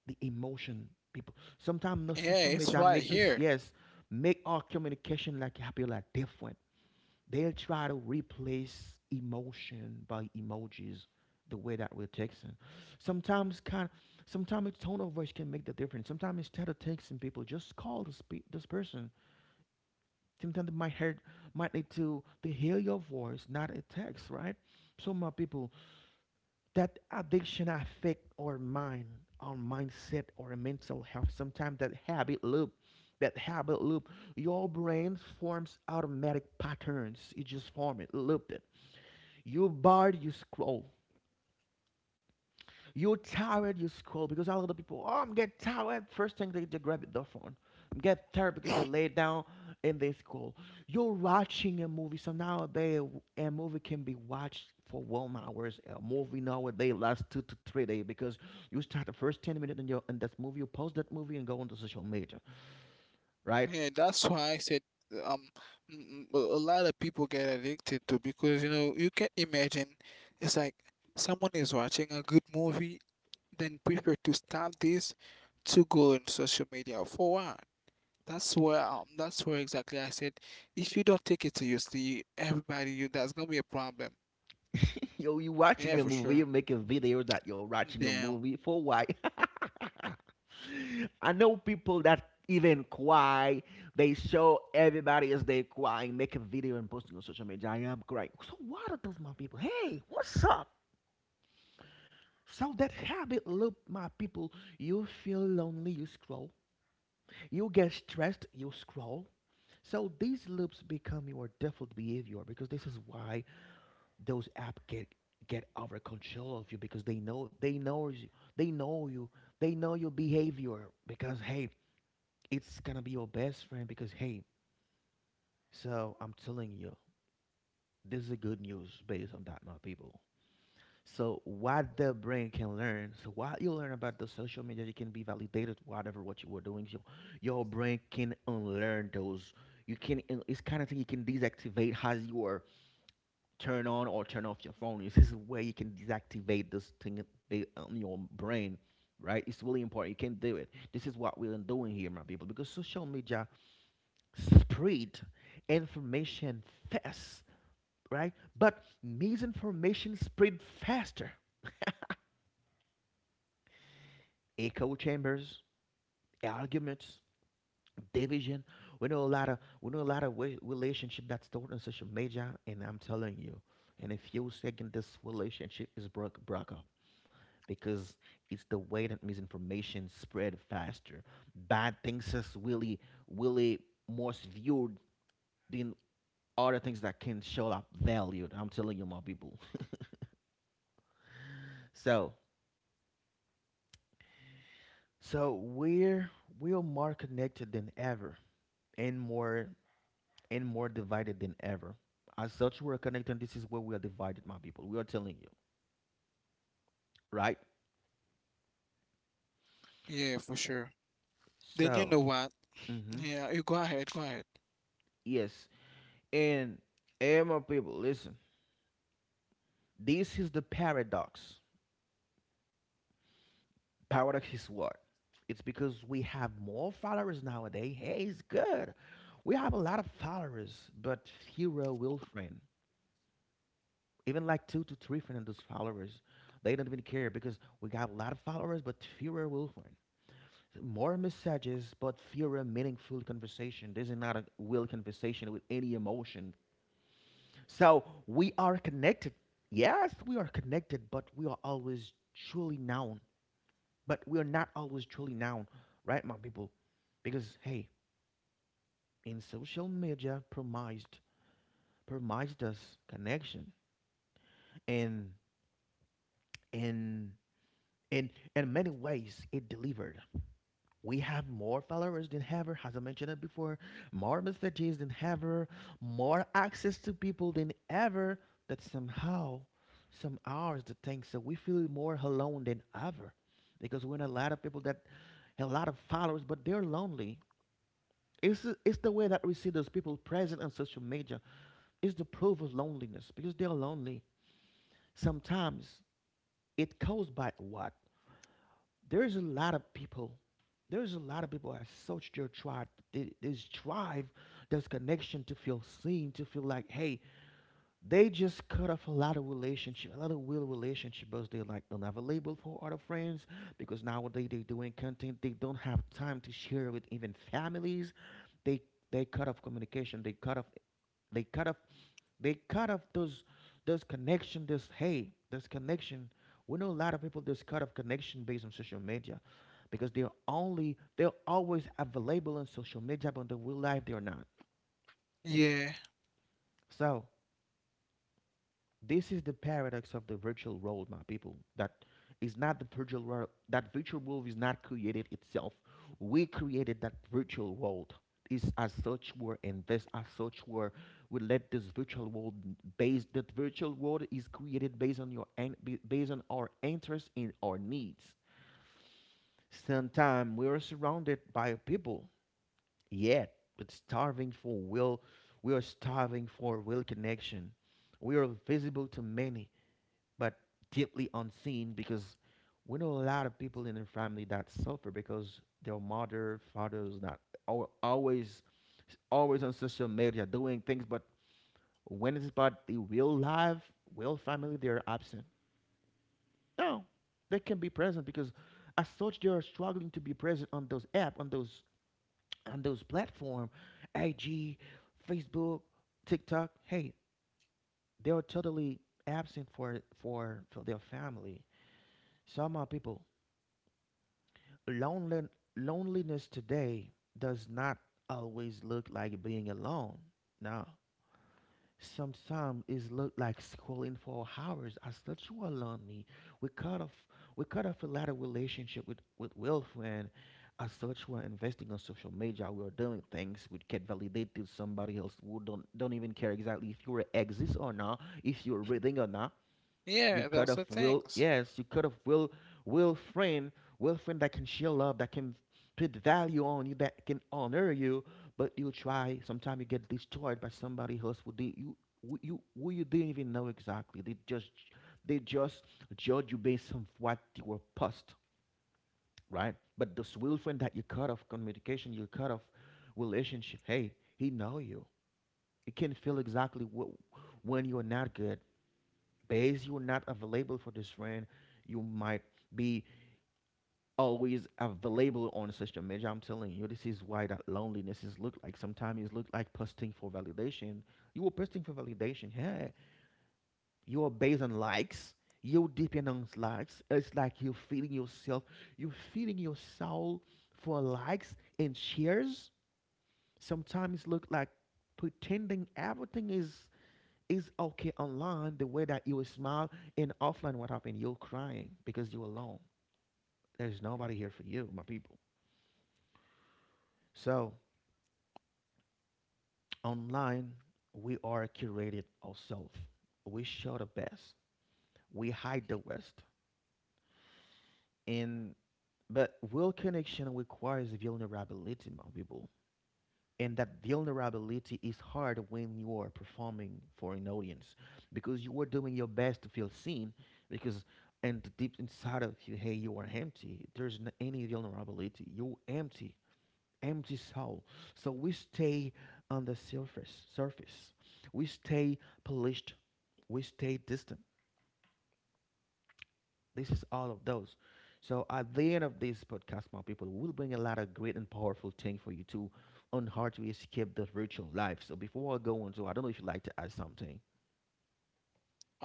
S1: the emotion people. Sometimes the social
S2: it's
S1: media
S2: right
S1: make us
S2: here.
S1: yes, make our communication like happy like different. They'll try to replace emotion by emojis, the way that we're texting. Sometimes kind Sometimes its tone of voice can make the difference. Sometimes instead of texting people, just call this person. Sometimes it might hurt, might need to hear your voice, not a text, right? So my people, that addiction affect our mind, our mindset, our mental health. Sometimes that habit loop, your brain forms automatic patterns. You just form it, loop it. You bar, you scroll. You're tired, you scroll, because a lot of people, oh, I'm get tired. First thing they grab their phone. Get tired because they lay down and they scroll. You're watching a movie. So nowadays, a movie can be watched for 1 hours. A movie nowadays lasts 2 to 3 days, because you start the first 10 minutes in, your, in that movie, you post that movie and go on to social media, right?
S2: Yeah, that's why I said, um a lot of people get addicted to, because you know you can imagine it's like someone is watching a good movie, then prefer to stop this to go on social media for what? That's where exactly I said, if you don't take it seriously, everybody, you, that's gonna be a problem.
S1: Yo, you
S2: Yeah,
S1: watching a
S2: for
S1: movie, you
S2: sure.
S1: make a video that you're watching a
S2: Damn.
S1: movie for why? I know people that even cry. They show everybody as they cry, make a video and posting on social media. I am crying. So what are those my people? Hey, what's up? So that habit loop, my people, you feel lonely, you scroll. You get stressed, you scroll. So these loops become your default behavior, because this is why those app get over control of you, because they know you, they know your behavior, because hey, it's gonna be your best friend, because hey, so I'm telling you, this is a good news based on that, my people. So what the brain can learn, so what you learn about the social media, you can be validated whatever what you were doing. So your brain can unlearn those. You can it's kind of thing you can deactivate as you are turn on or turn off your phone. This is where you can deactivate this thing on your brain, right? It's really important. You can do it. This is what we're doing here, my people, because social media spread information fast, right? But misinformation spread faster. Echo chambers, arguments, division. We know a lot of relationship that's stored on social media, and I'm telling you, in a few seconds, this relationship is broke up, because it's the way that misinformation spread faster. Bad things is really really most viewed than other things that can show up valued. I'm telling you, my people. So, so, we're more connected than ever, and more and more divided than ever. As such, we're connected. This is where we are divided, my people. We are telling you, right?
S2: Yeah, for sure. Then you
S1: So,
S2: know what?
S1: mm-hmm,
S2: Yeah, you go ahead, go ahead.
S1: yes, and and my people, listen. This is the paradox. Paradox is what? It's because we have more followers nowadays. Hey, it's good. We have a lot of followers, but fewer real friends. Even like two to three Fernando's followers. They don't even care, because we got a lot of followers, but fewer will friend. More messages, but fewer meaningful conversation. This is not a real conversation with any emotion. So we are connected. Yes, we are connected, but we are always truly known. But we are not always truly known, right, my people? Because hey, in social media, promised us connection, and and in in many ways it delivered. We have more followers than ever, as I mentioned it before, more messages than ever, more access to people than ever, that somehow some hours the things that we feel more alone than ever, because we're in a lot of people that have a lot of followers but they're lonely. It's the way that we see those people present on social media. It's the proof of loneliness because they're lonely sometimes. It caused by what? There's a lot of people, there's a lot of people that search their tribe. This tribe, this connection, to feel seen, to feel like hey, they just cut off a lot of relationship, a lot of real relationship, because they're like don't have a label for other friends, because nowadays they're doing content, they don't have time to share with even families. they they cut off communication, they cut off they cut off they cut off those connection. This hey, this connection. We know a lot of people just cut off connection based on social media, because they're always available on social media, but in the real life they're not.
S2: Yeah,
S1: So this is the paradox of the virtual world, my people. That is not the virtual world. That virtual world is not created itself. We created that virtual world. Is as such were and this as such were. We let this virtual world based. That virtual world is created based on based on our interests and our needs. Sometimes we are surrounded by people, yet it's starving for will. We are starving for real connection. We are visible to many, but deeply unseen, because we know a lot of people in their family that suffer because their mother, fathers not always, always on social media doing things, but when it's about the real life, real family, they're absent. No, they can be present because as such they are struggling to be present on those app, on those, on those platform, IG, Facebook, TikTok. Hey, they are totally absent for for their family. Some are people. Lonely, loneliness today does not always look like being alone. No. Sometimes it look like scrolling for hours. I still you are lonely. We cut off we cut off a lot of relationship with Will friend. As such, we're investing on social media. We're doing things we can validate to somebody else who don't even care exactly if you exist or not, if you're breathing or not. You
S2: yeah,
S1: cut off
S2: that's the
S1: will,
S2: things.
S1: yes, you cut off will friend, will friend that can share love, that can put value on you, that can honor you. But you try. Sometimes you get destroyed by somebody else who did you, who you didn't even know exactly. They just judge you based on what you were past, right? But this will friend that you cut off communication, you cut off relationship. Hey, he know you. He can feel exactly what when you're not good days you're not available for this friend, you might be always available on social media. I'm telling you, this is why that loneliness is look like. Sometimes it's look like posting for validation. You were posting for validation. Yeah, you are based on likes. You depend on likes. It's like you're feeding yourself. You're feeding your soul for likes and shares. Sometimes look like pretending everything is okay online, the way that you will smile, and offline, what happened? You're crying because you're alone. There's nobody here for you, my people. So, online, we are curated ourselves. We show the best, we hide the worst. And but real connection requires vulnerability, my people. And that vulnerability is hard when you are performing for an audience, because you are doing your best to feel seen, because and deep inside of you, hey, you are empty, there's not any vulnerability, you're empty, empty soul. So we stay on the surface, we stay polished, we stay distant. This is all of those. So at the end of this podcast, my people, we'll bring a lot of great and powerful thing for you to on how to escape the virtual life. So before I go on, so I don't know if you'd like to add something.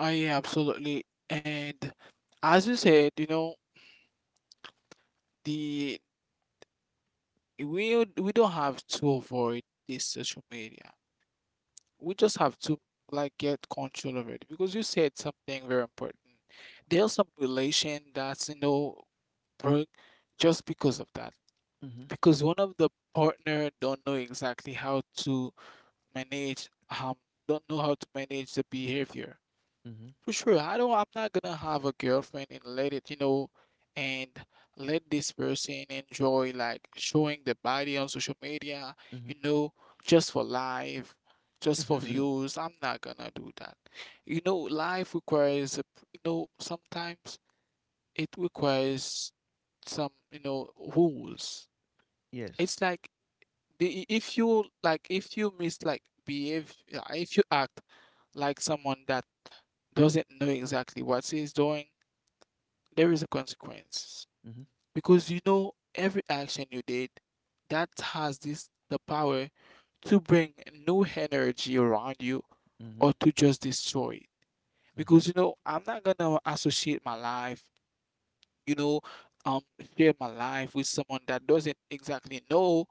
S2: Oh, yeah, absolutely. And as you said, you know, the we don't have to avoid this social media. We just have to like get control of it because you said something very important. There's some relation that's, you know, broke just because of that.
S1: Mm-hmm.
S2: Because one of the partner don't know exactly how to manage, um don't know how to manage the behavior.
S1: Mm-hmm.
S2: For sure, I don't. I'm not gonna have a girlfriend and let it, you know, and let this person enjoy like showing the body on social media, you know, just for life, just for
S1: Mm-hmm.
S2: views. I'm not gonna do that. You know, life requires, you know, sometimes it requires some, you know, rules.
S1: yes.
S2: It's like if you like, if you miss like behave, yeah, if you act like someone that doesn't know exactly what he's doing, there is a consequence.
S1: Mm-hmm.
S2: Because you know every action you did, that has this the power to bring new energy around you
S1: Mm-hmm.
S2: or to just destroy it.
S1: Mm-hmm.
S2: Because, you know, I'm not gonna associate my life, you know, um share my life with someone that doesn't exactly know,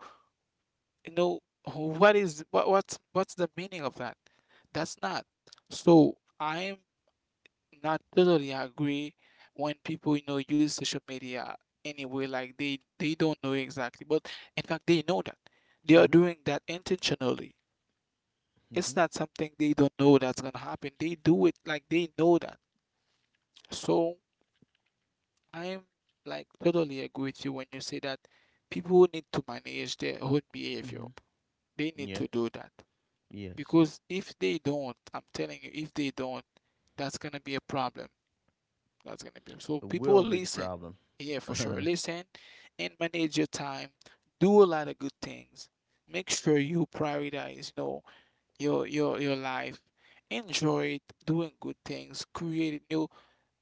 S2: you know, what is what's what's the meaning of that. That's not, so I'm not totally agree when people, you know, use social media anyway like, they don't know exactly, but in fact they know that they are
S1: Mm-hmm.
S2: doing that intentionally. It's
S1: Mm-hmm.
S2: not something they don't know that's gonna happen, they do it like they know that. So I'm like totally agree with you when you say that people need to manage their own behavior.
S1: Mm-hmm.
S2: They need
S1: Yeah.
S2: to do that.
S1: Yes.
S2: Because if they don't, I'm telling you, if they don't, that's gonna be a problem. That's gonna be, so
S1: A
S2: people
S1: real big
S2: listen.
S1: problem.
S2: Yeah, for sure.
S1: mm-hmm.
S2: Listen and manage your time. Do a lot of good things. Make sure you prioritize, you know, your your life. Enjoy it, doing good things, create it, you know,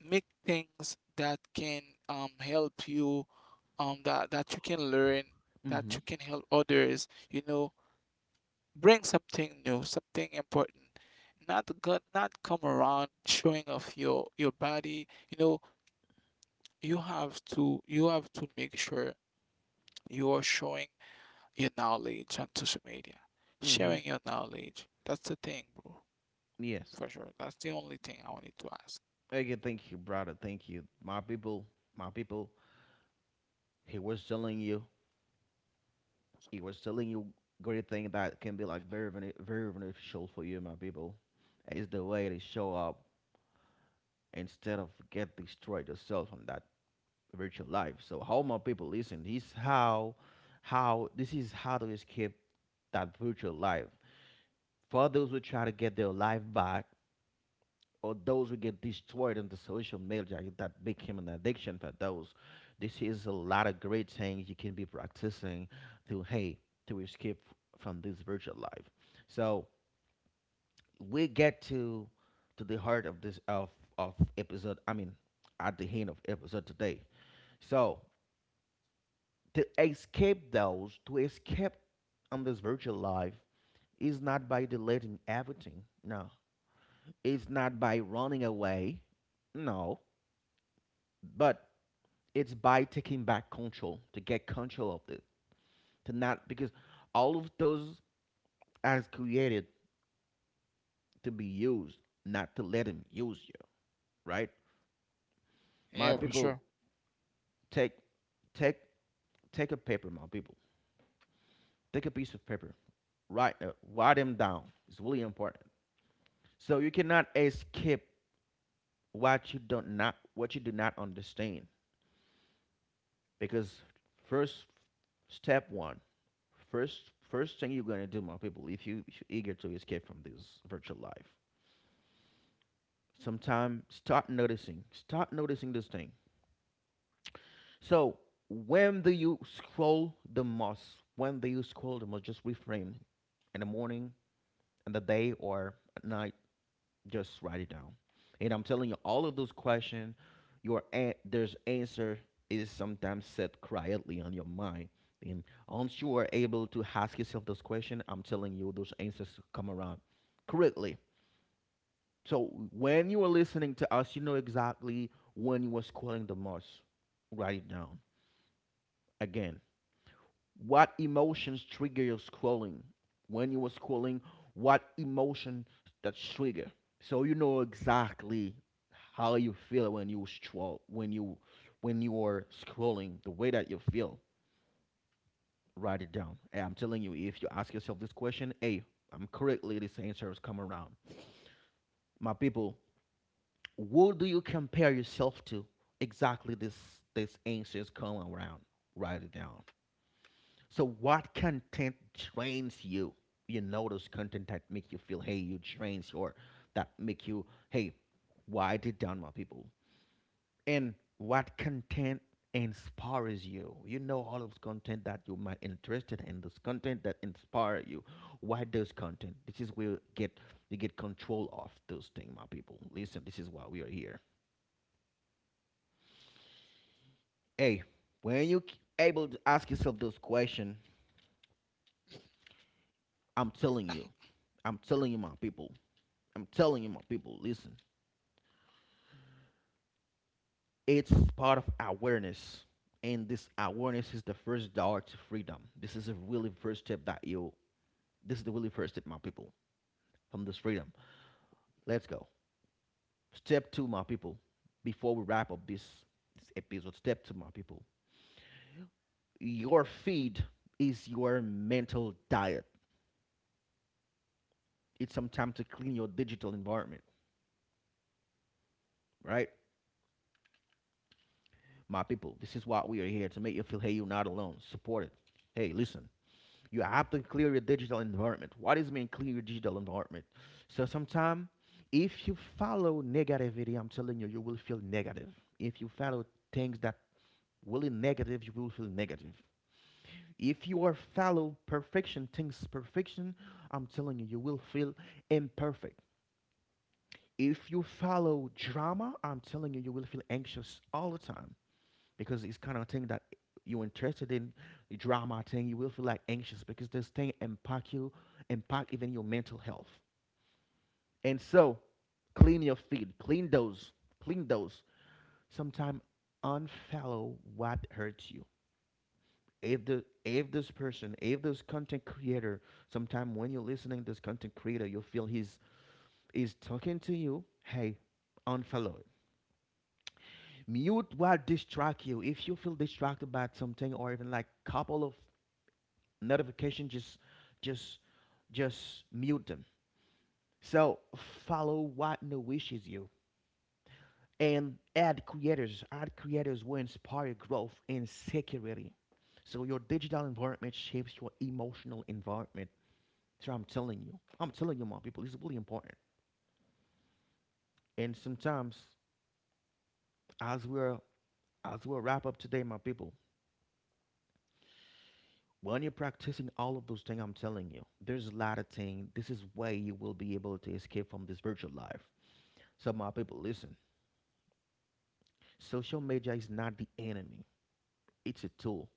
S2: make things that can help you, that you can learn, that
S1: Mm-hmm.
S2: you can help others, you know, bring something new, something important. Not go, not come around showing off your body. You know, you have to, you have to make sure you are showing your knowledge on social media, sharing your knowledge. That's the thing, bro.
S1: Yes.
S2: For sure. That's the only thing I wanted to ask.
S1: Okay, thank you, brother. Thank you. My people, he was telling you, it was telling you great thing that can be like very beneficial for you, my people. It's the way they show up instead of get destroyed yourself on that virtual life. So how my people listen? This how this is how to escape that virtual life. For those who try to get their life back, or those who get destroyed in the social media that became an addiction for those. This is a lot of great things you can be practicing to hey to escape from this virtual life. So we get to the heart of this of episode. I mean, at the end of episode today. So to escape those, to escape on this virtual life, is not by deleting everything. No, it's not by running away. No, but it's by taking back control, to get control of it, to not, because all of those are created to be used, not to let him use you, right, my
S2: Yeah, for
S1: people?
S2: sure.
S1: Take take take a paper, my people, take a piece of paper, write write them down. It's really important. So you cannot escape what you don't not what you do not understand. Because first, step one, first thing you're going to do, my people, if you're eager to escape from this virtual life, sometime start noticing, start noticing this thing. So when do you scroll the most? When do you scroll the most? Just reframe. In the morning, in the day, or at night? Just write it down. And I'm telling you, all of those questions, there's answer is sometimes set quietly on your mind. And once you are able to ask yourself those questions, I'm telling you, those answers come around correctly. So when you are listening to us, you know exactly when you are scrolling the most. Write it down. Again, what emotions trigger your scrolling? When you are scrolling, what emotion that trigger? So you know exactly how you feel when you scroll, when you are scrolling, the way that you feel. Write it down. And I'm telling you, if you ask yourself this question, hey, I'm correctly this answer is coming around. My people, what do you compare yourself to? Exactly, this answer is coming around. Write it down. So what content trains you? You know those content that make you feel hey you trains, or that make you hey, write it down, my people. And what content inspires you? You know all of content that you might interested in, this content that inspire you, why those content. This is where you get, you get control of those things, my people. Listen, this is why we are here. Hey, when you able to ask yourself those question, I'm telling you, I'm telling you, my people, I'm telling you, my people, listen, it's part of awareness. And this awareness is the first door to freedom. This is a really first step that you, this is the really first step, my people, from this freedom. Let's go. Step two, my people, before we wrap up this episode. Step two, my people. Your feed is your mental diet. It's some time to clean your digital environment, right, my people? This is what we are here to make you feel hey, you're not alone. Support it. Hey, listen, you have to clear your digital environment. What does it mean clear your digital environment? So sometimes, if you follow negativity, I'm telling you, you will feel negative. If you follow things that will be negative, you will feel negative. If you are follow perfection, things perfection, I'm telling you, you will feel imperfect. If you follow drama, I'm telling you, you will feel anxious all the time, because it's kind of thing that you're interested in, drama thing, you will feel like anxious, because this thing impact you, impact even your mental health. And so clean your feed, clean those. Sometimes unfollow what hurts you. If this person, if this content creator, sometime when you're listening to this content creator you feel he's is talking to you, hey, unfollow it. Mute what distract you. If you feel distracted by something, or even like couple of notification, just just mute them. So follow what no wishes you, and add creators. Add creators will inspire growth and security. So your digital environment shapes your emotional environment. So I'm telling you, I'm telling you, my people, it's really important. And sometimes, as we're as we wrap up today, my people, when you're practicing all of those things, I'm telling you, there's a lot of things, this is way you will be able to escape from this virtual life. So my people, listen. Social media is not the enemy. It's a tool.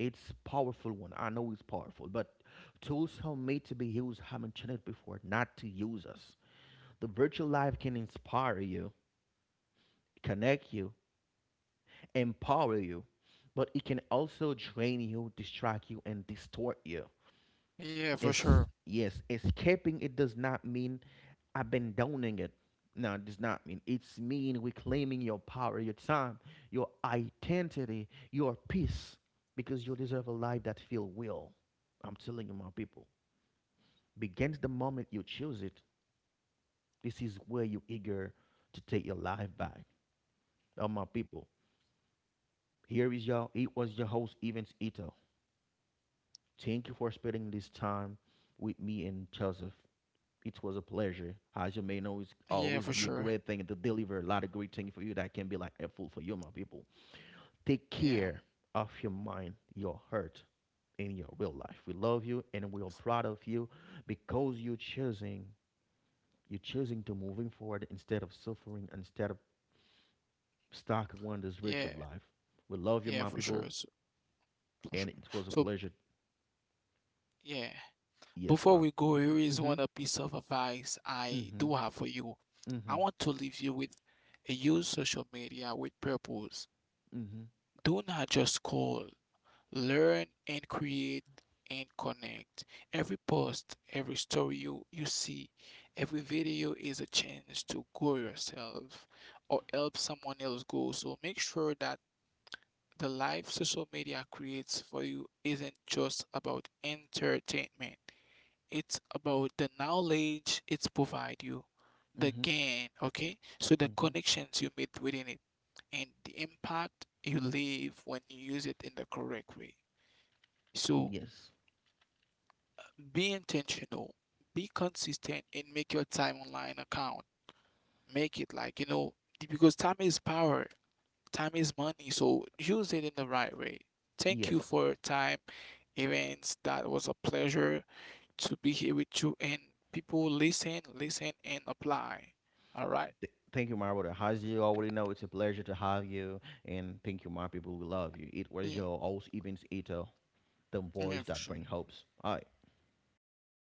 S1: It's powerful one. I know it's powerful, but tools are made to be used. I mentioned it before, not to use us. The virtual life can inspire you, connect you, empower you, but it can also drain you, distract you, and distort you.
S2: Yeah, for
S1: It's
S2: sure.
S1: yes, escaping it does not mean I've been downing it. No, it does not mean. It's mean reclaiming your power, your time, your identity, your peace, because you deserve a life that feel will. I'm telling you, my people. Begins the moment you choose it. This is where you eager to take your life back. Oh, my people. Here is y'all. It was your host, Evans Ito. Thank you for spending this time with me and Joseph. It was a pleasure. As you may know, it's
S2: Yeah,
S1: always
S2: for
S1: be a
S2: sure.
S1: great thing to deliver a lot of great things for you that can be like helpful for you, my people. Take
S2: Yeah.
S1: care of your mind, your heart, and your real life. We love you and we are proud of you, because you're choosing to moving forward instead of suffering, instead of stuck on this
S2: Yeah.
S1: virtual life. We love you,
S2: Yeah,
S1: my
S2: for sure.
S1: people,
S2: So, for
S1: and
S2: sure.
S1: it was a
S2: So,
S1: pleasure.
S2: yeah.
S1: Yes,
S2: Before
S1: my.
S2: we go, here is
S1: Mm-hmm.
S2: one a piece of advice I
S1: Mm-hmm.
S2: do have for you. I
S1: Mm-hmm.
S2: want to leave you with, use social media with purpose.
S1: Mm-hmm.
S2: Do not just scroll, learn and create and connect. Every post, every story you see, every video is a chance to grow yourself or help someone else grow. So make sure that the life social media creates for you isn't just about entertainment, it's about the knowledge it's provide you, the
S1: Mm-hmm.
S2: gain, okay? So the
S1: Mm-hmm.
S2: connections you made within it and the impact you leave when you use it in the correct way. So
S1: Yes.
S2: be intentional, be consistent and make your time online account. Make it like, you know, because time is power, time is money, so use it in the right way. Thank you
S1: Yes.
S2: for your time, events. That was a pleasure to be here with you. And people, listen, listen and apply. All right.
S1: Thank you, my brother. As you already know, it's a pleasure to have you. And thank you, my people. We love you. It was
S2: Yeah,
S1: your host, Evans Ito, the
S2: yeah,
S1: voice
S2: for
S1: that
S2: sure.
S1: brings hopes. Hi.
S2: You too, mom.